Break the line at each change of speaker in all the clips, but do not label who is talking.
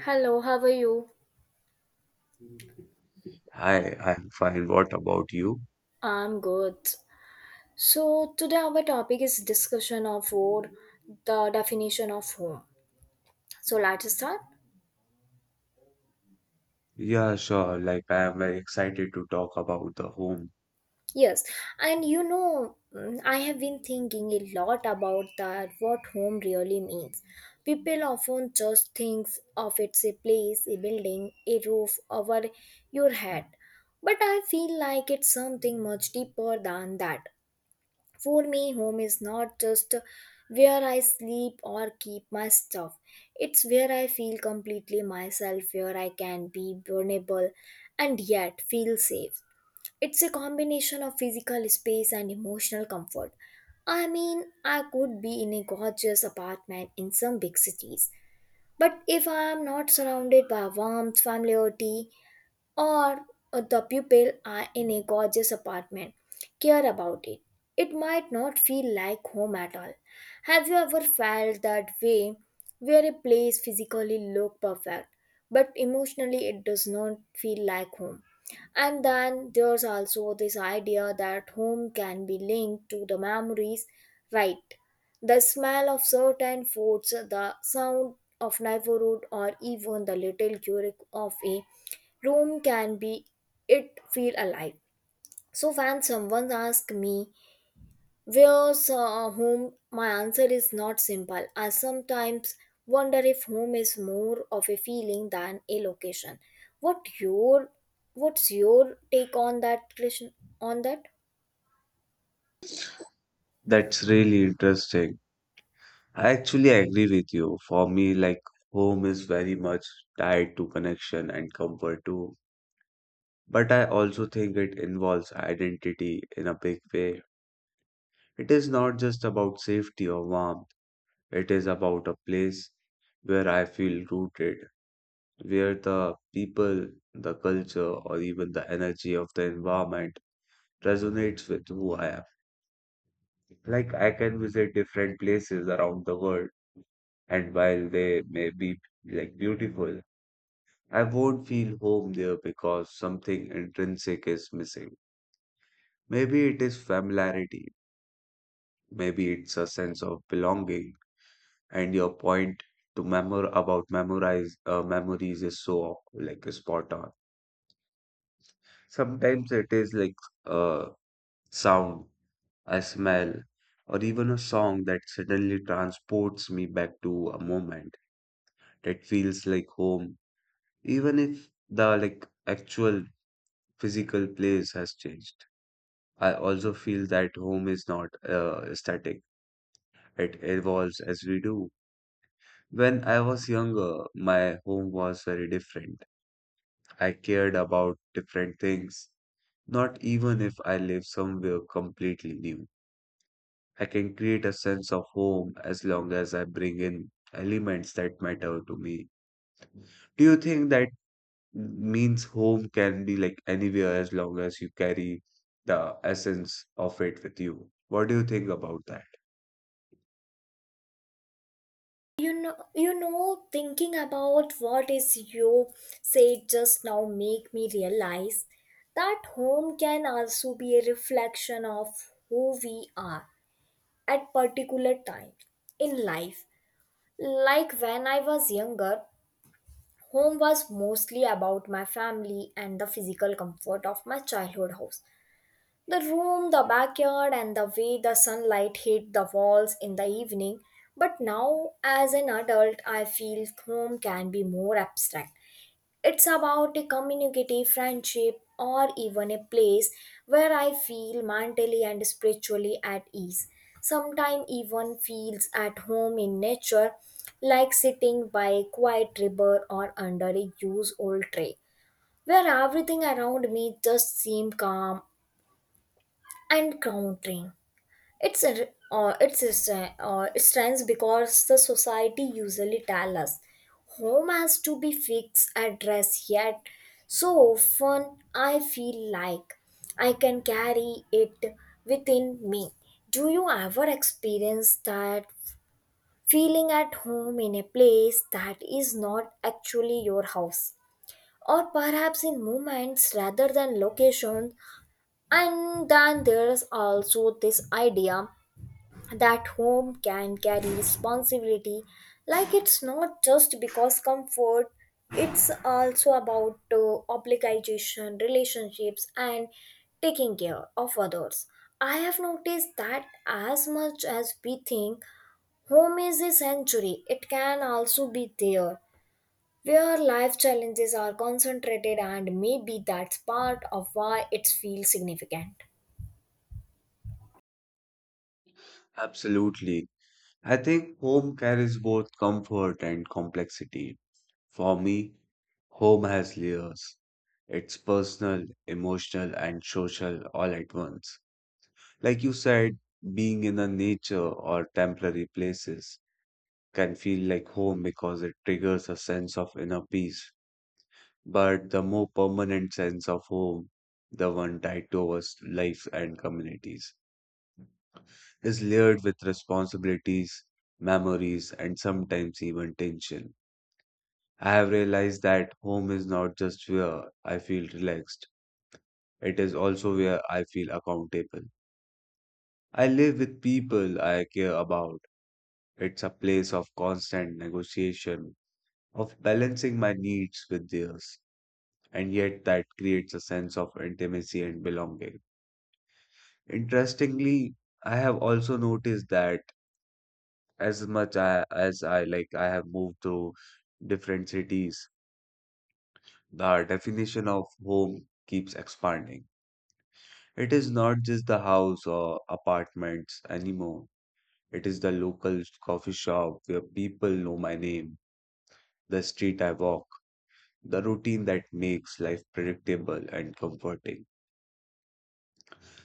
Hello, how are you?
Hi, I'm fine. What about you?
I'm good. So today our topic is discussion of what the definition of home. So let's start.
Yeah, sure. I am very excited to talk about the home.
Yes, and I have been thinking a lot about that what home really means. People often just think of it's a place, a building, a roof over your head. But I feel like it's something much deeper than that. For me, home is not just where I sleep or keep my stuff. It's where I feel completely myself, where I can be vulnerable and yet feel safe. It's a combination of physical space and emotional comfort. I mean, I could be in a gorgeous apartment in some big cities, but if I am not surrounded by warmth, familiarity, or the people are in a gorgeous apartment care about it. It might not feel like home at all. Have you ever felt that way where a place physically look perfect but emotionally it does not feel like home? And then there's also this idea that home can be linked to the memories, right? The smell of certain foods, the sound of neighborhood, or even the little quirk of a room can be it feel alive. So when someone asks me where's home, my answer is not simple. I sometimes wonder if home is more of a feeling than a location. What your what's your take on that, Krishna, on that?
That's really interesting. I actually agree with you. For me, home is very much tied to connection and comfort too. But I also think it involves identity in a big way. It is not just about safety or warmth, it is about a place where I feel rooted, where the people, the culture, or even the energy of the environment resonates with who I am. I can visit different places around the world, and while they may be beautiful, I won't feel home there because something intrinsic is missing. Maybe it is familiarity, maybe it's a sense of belonging, and your point to memor about memorize memories is so spot on. Sometimes it is like uh sound a smell, or even a song that suddenly transports me back to a moment that feels like home, even if the actual physical place has changed. I also feel that home is not static; it evolves as we do. When I was younger, my home was very different. I cared about different things, not even if I live somewhere completely new. I can create a sense of home as long as I bring in elements that matter to me. Do you think that means home can be anywhere as long as you carry the essence of it with you? What do you think about that?
You know, thinking about what is you said just now make me realize that home can also be a reflection of who we are at particular times in life. Like when I was younger, home was mostly about my family and the physical comfort of my childhood house. The room, the backyard, and the way the sunlight hit the walls in the evening. But now, as an adult, I feel home can be more abstract. It's about a community, friendship, or even a place where I feel mentally and spiritually at ease. Sometimes even feels at home in nature, like sitting by a quiet river or under a used old tree, where everything around me just seems calm and grounding. It strange because the society usually tell us home has to be fixed address, yet so often I feel like I can carry it within me. Do you ever experience that feeling at home in a place that is not actually your house? Or perhaps in moments rather than locations? And then there's also this idea that home can carry responsibility, like it's not just because comfort, it's also about obligation, relationships, and taking care of others. I have noticed that as much as we think home is a sanctuary, it can also be there where life challenges are concentrated, and maybe that's part of why it feels significant.
Absolutely. I think home carries both comfort and complexity. For me, home has layers. It's personal, emotional, and social all at once. Like you said, being in the nature or temporary places can feel like home because it triggers a sense of inner peace. But the more permanent sense of home, the one tied to our life and communities, is layered with responsibilities, memories, and sometimes even tension. I have realized that home is not just where I feel relaxed, it is also where I feel accountable. I live with people I care about. It's a place of constant negotiation, of balancing my needs with theirs, and yet that creates a sense of intimacy and belonging. Interestingly, I have also noticed that as I have moved to different cities, the definition of home keeps expanding. It is not just the house or apartments anymore. It is the local coffee shop where people know my name, the street I walk, the routine that makes life predictable and comforting.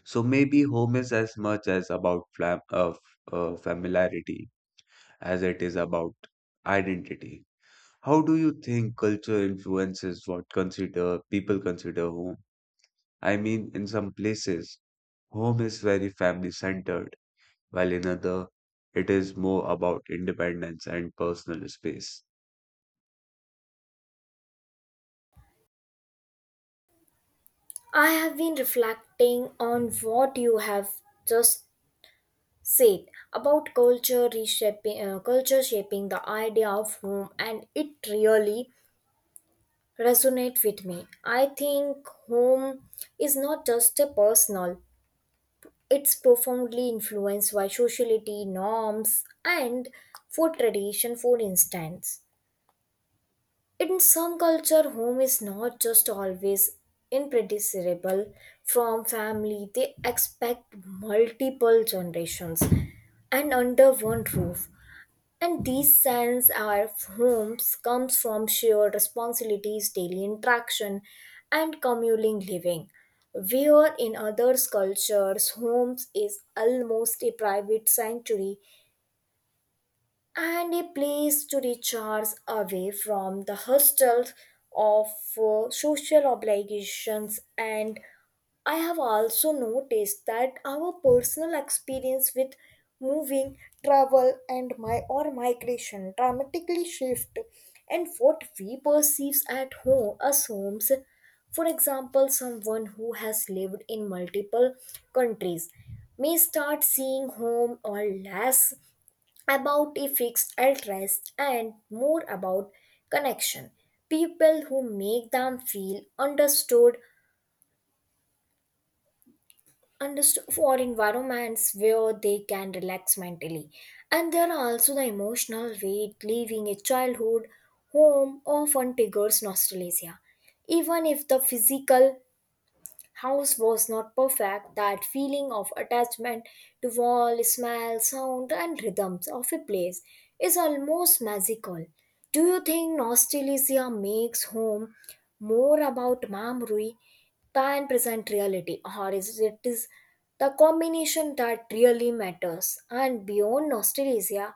So maybe home is as much as about familiarity as it is about identity. How do you think culture influences what consider people consider home? I mean, in some places, home is very family centered, while in other, it is more about independence and personal space.
I have been reflecting on what you have just said about culture shaping the idea of home, and it really resonate with me. I think home is not just a personal, it's profoundly influenced by sociality norms and food tradition. For instance, in some culture home is not just always impredictable from family. They expect multiple generations and under one roof. And these sense our homes comes from shared responsibilities, daily interaction, and communing living. Where in others' cultures, homes is almost a private sanctuary and a place to recharge away from the hustles of social obligations. And I have also noticed that our personal experience with moving, travel, and my or migration dramatically shift and what we perceive at home as homes. For example, someone who has lived in multiple countries may start seeing home or less about a fixed address and more about connection. People who make them feel understood, understood for environments where they can relax mentally. And there are also the emotional weight leaving a childhood home often triggers nostalgia. Even if the physical house was not perfect, that feeling of attachment to wall, smell, sound, and rhythms of a place is almost magical. Do you think nostalgia makes home more about memory than present reality, or is it is the combination that really matters? And beyond nostalgia,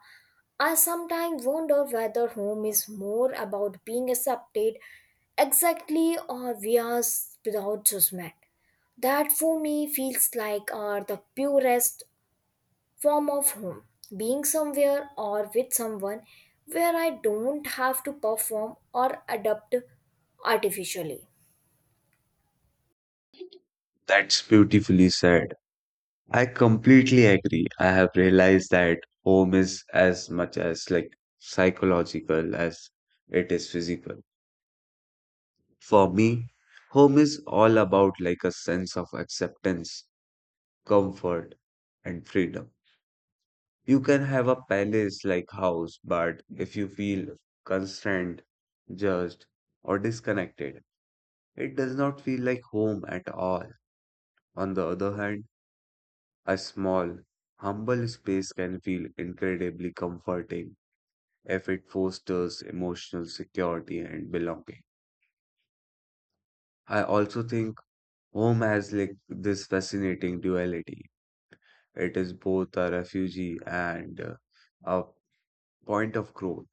I sometimes wonder whether home is more about being accepted exactly or we are without judgment. That for me feels like the purest form of home. Being somewhere or with someone where I don't have to perform or adapt artificially.
That's beautifully said. I completely agree. I have realized that home is as much as like psychological as it is physical. For me, home is all about a sense of acceptance, comfort, and freedom. You can have a palace like house, but if you feel constrained, judged, or disconnected, it does not feel like home at all. On the other hand, a small, humble space can feel incredibly comforting if it fosters emotional security and belonging. I also think home has this fascinating duality. It is both a refuge and a point of growth.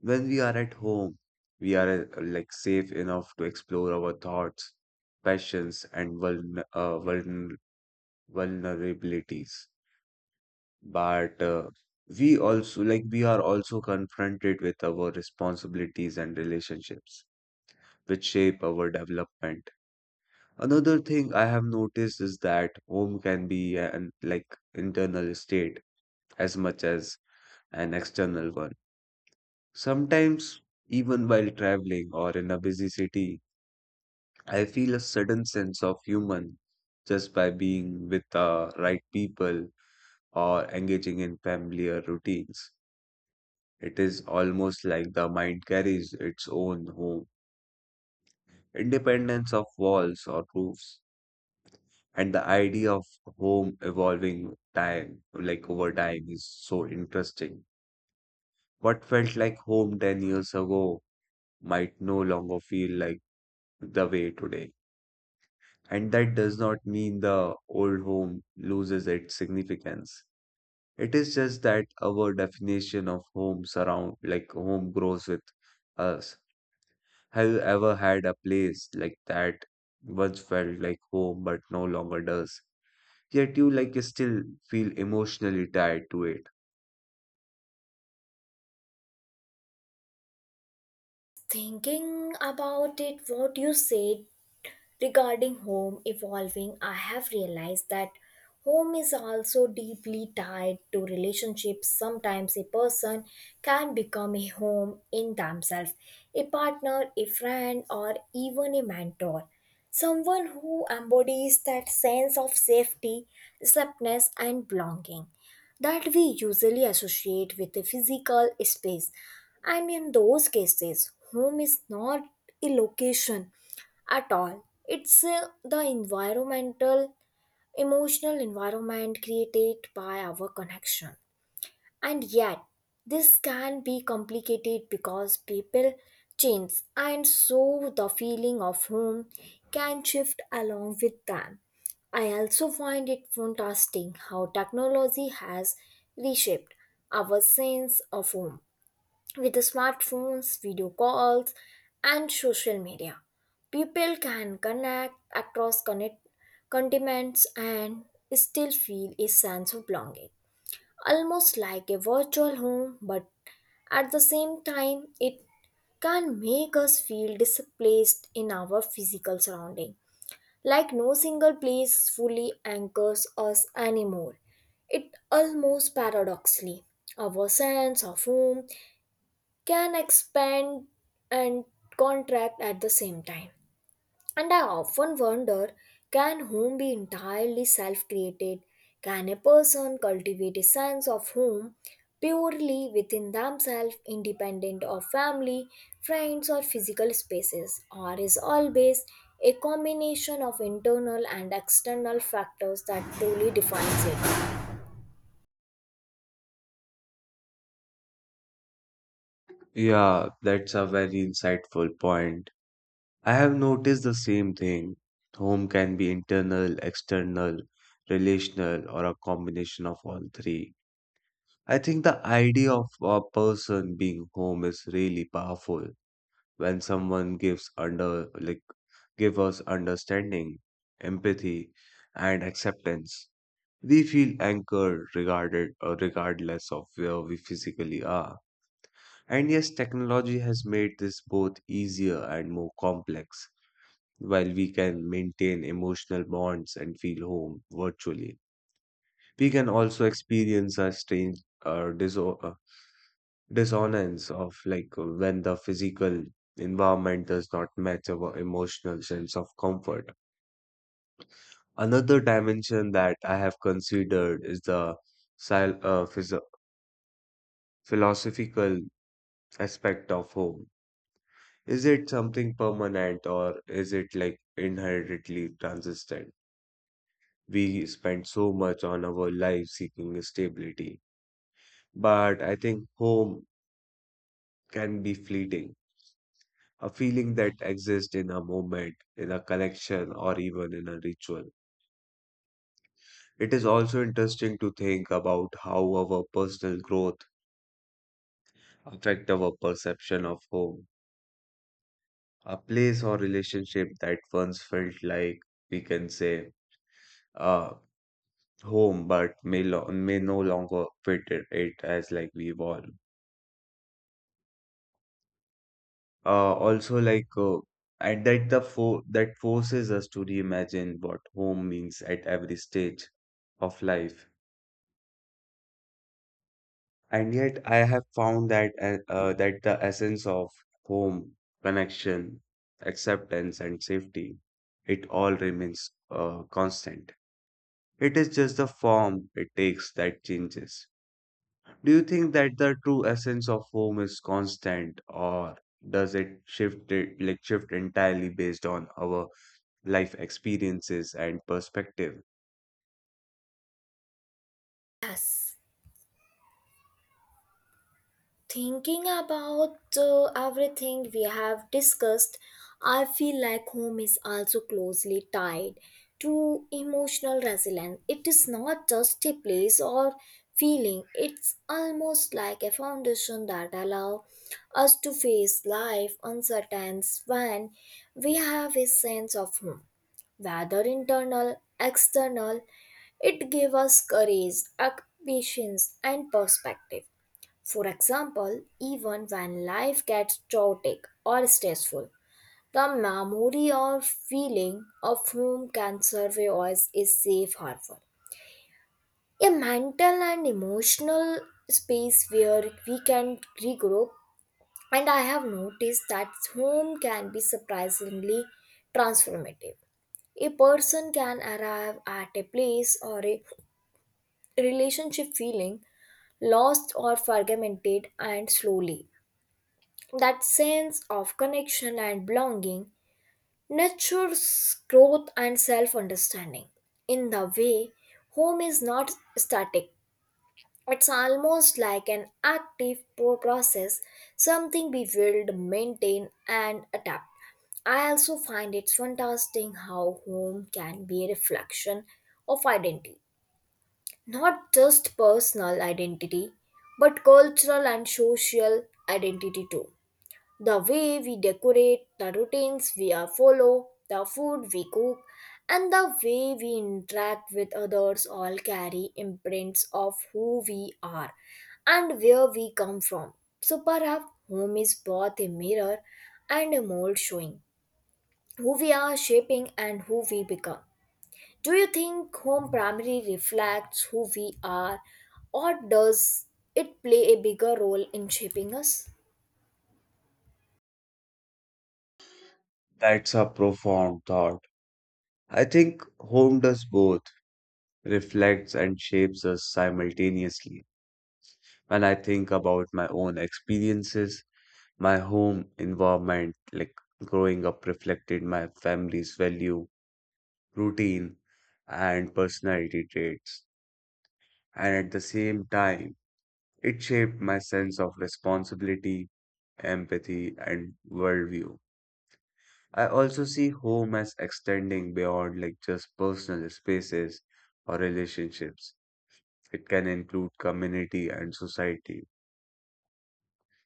When we are at home, we are safe enough to explore our thoughts, passions, and vulnerabilities. But we also like we are also confronted with our responsibilities and relationships which shape our development. Another thing I have noticed is that home can be an internal state as much as an external one. Sometimes, even while traveling or in a busy city, I feel a sudden sense of human just by being with the right people or engaging in familiar routines. It is almost like the mind carries its own home, independence of walls or roofs. And the idea of home evolving time, like over time, is so interesting. What felt like home 10 years ago might no longer feel like the way today. And that does not mean the old home loses its significance. It is just that our definition of home surround, like home grows with us. Have you ever had a place like that once felt like home but no longer does? Yet you still feel emotionally tied to it.
Thinking about it, what you said regarding home evolving, I have realized that home is also deeply tied to relationships. Sometimes a person can become a home in themselves, a partner, a friend, or even a mentor. Someone who embodies that sense of safety, acceptance, and belonging that we usually associate with a physical space. And in those cases, home is not a location at all. It's the environmental, emotional environment created by our connection. And yet, this can be complicated because people change, and so the feeling of home can shift along with them. I also find it fantastic how technology has reshaped our sense of home. With the smartphones, video calls, and social media, people can connect across connect, continents and still feel a sense of belonging. Almost like a virtual home, but at the same time, it can make us feel displaced in our physical surrounding. Like no single place fully anchors us anymore. It almost paradoxically, our sense of home can expand and contract at the same time. And I often wonder, can home be entirely self created? Can a person cultivate a sense of home purely within themselves, independent of family, friends, or physical spaces? Or is always a combination of internal and external factors that truly defines it?
Yeah, that's a very insightful point. I have noticed the same thing. Home can be internal, external, relational, or a combination of all three. I think the idea of a person being home is really powerful when someone gives under like give us understanding, empathy, and acceptance. We feel anchored regarded regardless of where we physically are. And yes, technology has made this both easier and more complex. While we can maintain emotional bonds and feel home virtually, we can also experience a strange uh, diso- uh, dissonance of when the physical environment does not match our emotional sense of comfort. Another dimension that I have considered is the sil- uh, phys- philosophical aspect of home. Is it something permanent or is it inherently transient? We spend so much on our life seeking stability, but I think home can be fleeting, a feeling that exists in a moment, in a collection, or even in a ritual. It is also interesting to think about how our personal growth affect our perception of home, a place or relationship that once felt like we can say uh, home, but may no longer fit it as we evolve. Also like and that the fo that forces us to reimagine what home means at every stage of life. And yet I have found that the essence of home, connection, acceptance, and safety, it all remains constant. It is just the form it takes that changes. Do you think that the true essence of home is constant, or does it shift entirely based on our life experiences and perspective?
Yes. Thinking about everything we have discussed, I feel like home is also closely tied to emotional resilience. It is not just a place or feeling, it's almost like a foundation that allows us to face life uncertainties. When we have a sense of home, whether internal, external, it gave us courage, patience, and perspective. For example, even when life gets chaotic or stressful, the memory or feeling of whom can survive us is safe harbor. A mental and emotional space where we can regroup, and I have noticed that home can be surprisingly transformative. A person can arrive at a place or a relationship feeling lost or fragmented, and slowly that sense of connection and belonging nurtures growth and self understanding. In the way, home is not static, it's almost like an active pro- process, something we build, maintain, and adapt. I also find it's fantastic how home can be a reflection of identity, not just personal identity, but cultural and social identity too. The way we decorate, the routines we are follow, the food we cook, and the way we interact with others all carry imprints of who we are and where we come from. So perhaps home is both a mirror and a mold, showing who we are shaping and who we become. Do you think home primarily reflects who we are, or does it play a bigger role in shaping us?
That's a profound thought. I think home does both, reflects and shapes us simultaneously. When I think about my own experiences, my home environment, growing up, reflected my family's value, routine, and personality traits. And at the same time, it shaped my sense of responsibility, empathy, and worldview. I also see home as extending beyond just personal spaces or relationships. It can include community and society.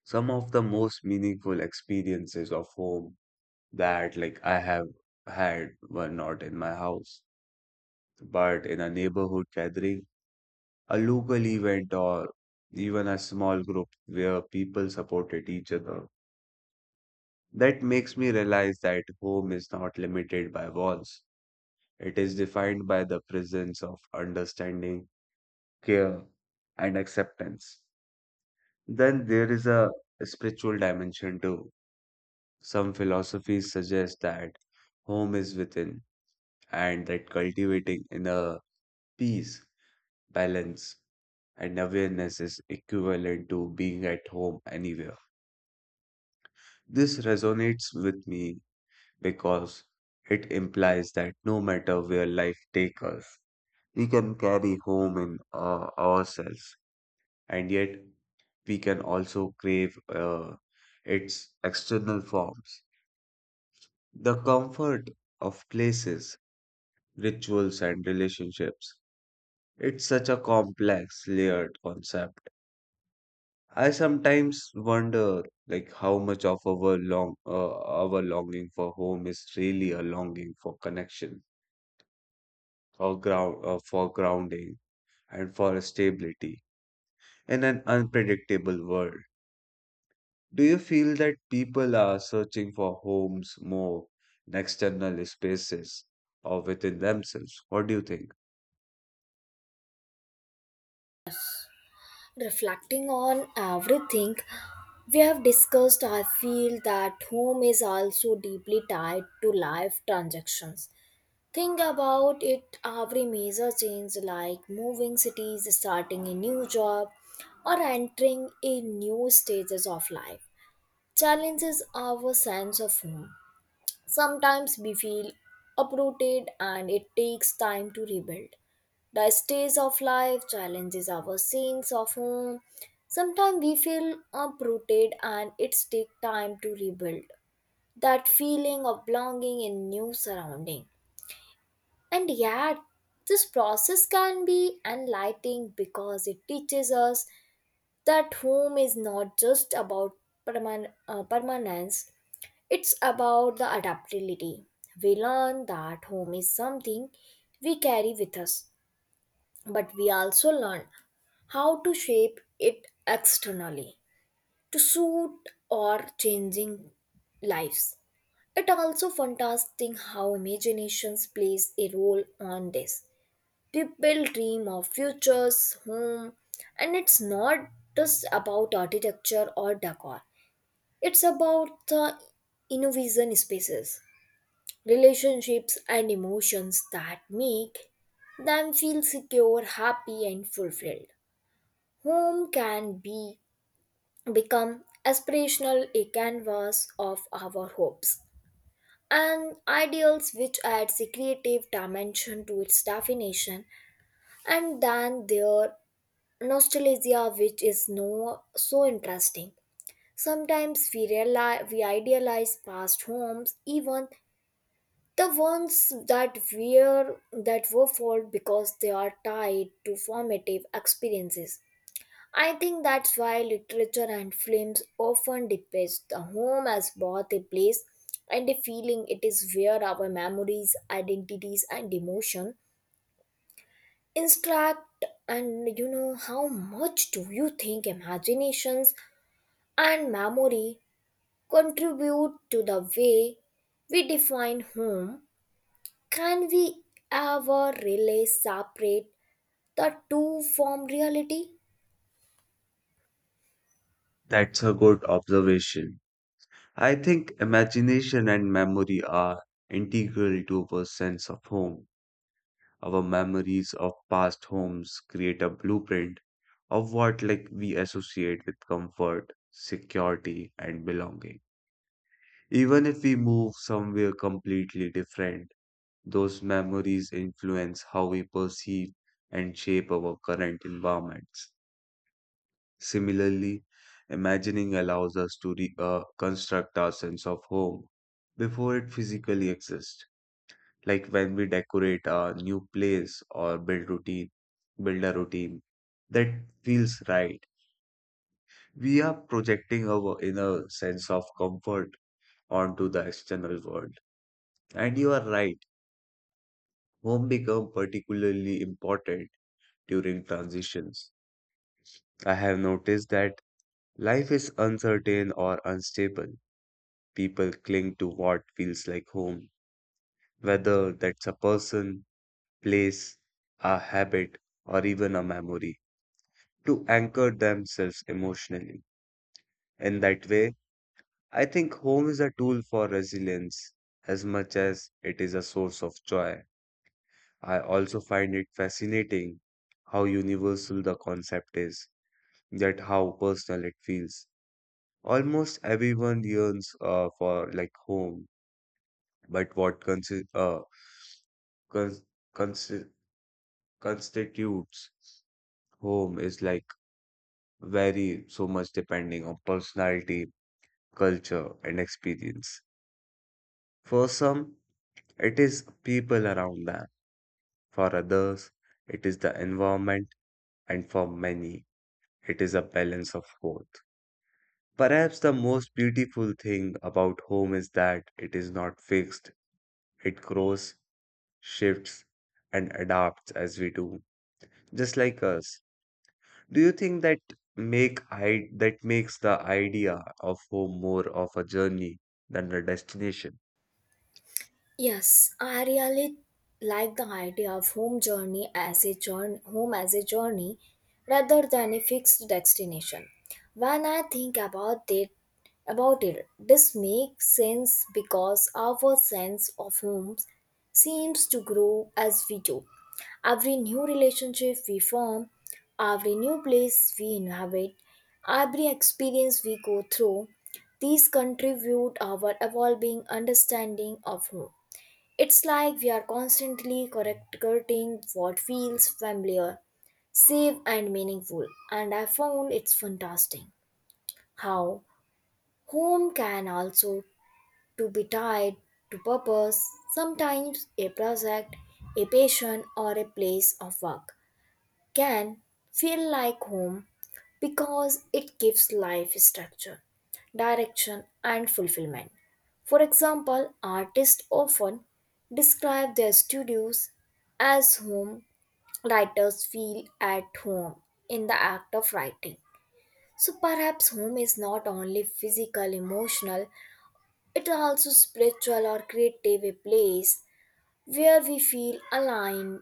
Some of the most meaningful experiences of home that I have had were not in my house, but in a neighborhood gathering, a local event, or even a small group where people supported each other. That makes me realize that home is not limited by walls. It is defined by the presence of understanding, care, and acceptance. Then there is a spiritual dimension too. Some philosophies suggest that home is within and that cultivating inner peace, balance, and awareness is equivalent to being at home anywhere. This resonates with me because it implies that no matter where life takes us, we can carry home in ourselves, and yet we can also crave its external forms. The comfort of places, rituals, and relationships. It's such a complex, layered concept. I sometimes wonder, how much of our our longing for home is really a longing for connection, for for grounding, and for stability in an unpredictable world. Do you feel that people are searching for homes more in external spaces or within themselves? What do you think?
Reflecting on everything we have discussed, I feel that home is also deeply tied to life transactions. Think about it, every major change, like moving cities, starting a new job, or entering a new stages of life, challenges our sense of home. Sometimes we feel uprooted and it takes time to rebuild. The stage of life challenges our sense of home. Sometimes we feel uprooted and it takes time to rebuild that feeling of belonging in new surrounding. And yet, this process can be enlightening because it teaches us that home is not just about permanence, it's about the adaptability. We learn that home is something we carry with us, but we also learn how to shape it externally to suit our changing lives. It also fantastic how imaginations plays a role on this. People dream of futures, home, and it's not just about architecture or decor. It's about the innovation spaces, relationships, and emotions that make them feel secure, happy, and fulfilled. Home can be become aspirational, a canvas of our hopes and ideals, which adds a creative dimension to its definition. And then there nostalgia which is no so interesting. Sometimes we realize we idealize past homes, even the ones that were flawed because they are tied to formative experiences. I think that's why literature and films often depict the home as both a place and a feeling. It is where our memories, identities, and emotion instruct. And how much do you think imaginations and memory contribute to the way we define home? Can we ever really separate the two from reality?
That's a good observation. I think imagination and memory are integral to our sense of home. Our memories of past homes create a blueprint of what we associate with comfort, security, and belonging. Even if we move somewhere completely different, those memories influence how we perceive and shape our current environments. Similarly, imagining allows us to construct our sense of home before it physically exists. Like when we decorate a new place or build a routine that feels right. We are projecting our inner sense of comfort onto the external world. And you are right, home become particularly important during transitions. I have noticed that life is uncertain or unstable. People cling to what feels like home, whether that's a person, place, a habit, or even a memory, to anchor themselves emotionally. In that way, I think home is a tool for resilience as much as it is a source of joy. I also find it fascinating how universal the concept is, yet how personal it feels. Almost everyone yearns for home, but what cons- consi- constitutes home is very much depending on personality, culture, and experience. For some, it is people around them. For others, it is the environment. And for many, it is a balance of both. Perhaps the most beautiful thing about home is that it is not fixed, it grows, shifts, and adapts as we do, just like us. Do you think that make I that makes the idea of home more of a journey than a destination?
Yes, I really like the idea of home as a journey rather than a fixed destination. When I think about it, this makes sense because our sense of home seems to grow as we do. Every new relationship we form, every new place we inhabit, every experience we go through, these contribute our evolving understanding of home. It's like we are constantly correcting what feels familiar, safe, and meaningful, and I found it's fantastic how home can also to be tied to purpose. Sometimes a project, a passion, or a place of work can feel like home because it gives life structure, direction, and fulfillment. For example, artists often describe their studios as home. Writers feel at home in the act of writing. So perhaps home is not only physical, emotional, it also spiritual or creative, a place where we feel aligned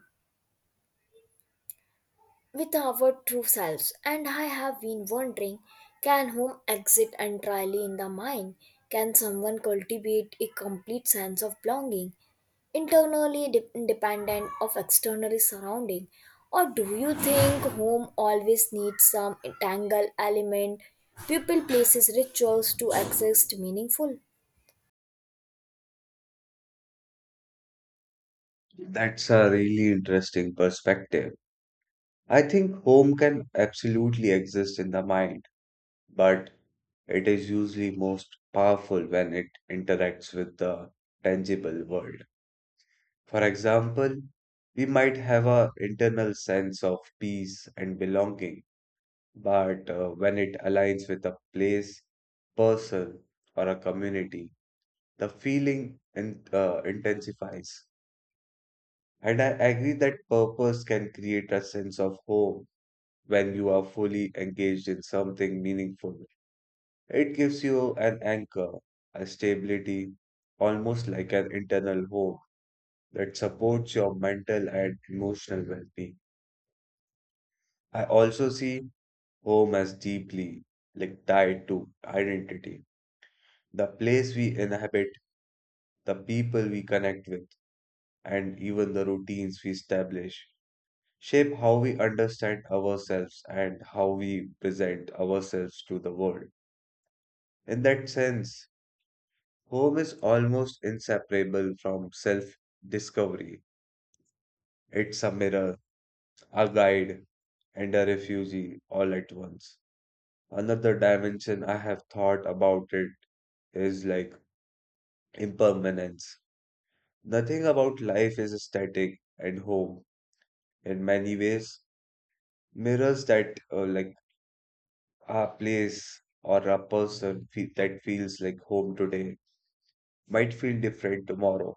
with our true selves. And I have been wondering, can home exist entirely in the mind? Can someone cultivate a complete sense of belonging, independent of external surrounding? Or do you think home always needs some tangle element, people, places, rituals to exist meaningful?
That's a really interesting perspective. I think home can absolutely exist in the mind, but it is usually most powerful when it interacts with the tangible world. For example, we might have an internal sense of peace and belonging, but when it aligns with a place, person, or a community, the feeling intensifies. And I agree that purpose can create a sense of home when you are fully engaged in something meaningful. It gives you an anchor, a stability, almost like an internal home that supports your mental and emotional well being. I also see home as deeply tied to identity, the place we inhabit, the people we connect with, and even the routines we establish. Shape how we understand ourselves and how we present ourselves to the world. In that sense, home is almost inseparable from self discovery. It's a mirror, a guide, and a refugee all at once. Another dimension I have thought about it is impermanence. Nothing about life is static, and home, in many ways, mirrors that a place or a person that feels like home today might feel different tomorrow.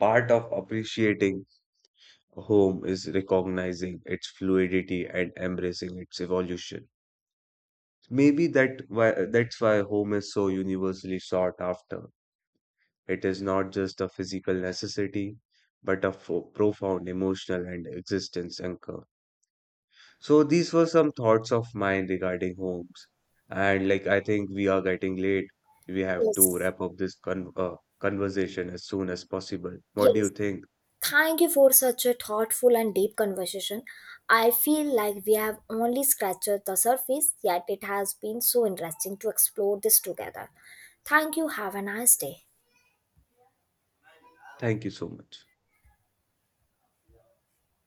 Part of appreciating home is recognizing its fluidity and embracing its evolution. That's why home is so universally sought after. It is not just a physical necessity, but a profound emotional and existence anchor. So these were some thoughts of mine regarding homes. And I think we are getting late. We have to
Yes,
wrap up this conversation as soon as possible. What do you
yes,
think?
thank you for such a thoughtful and deep conversation. I feel like we have only scratched the surface, yet it has been so interesting to explore this together. Thank you. Have a nice day.
Thank you so much.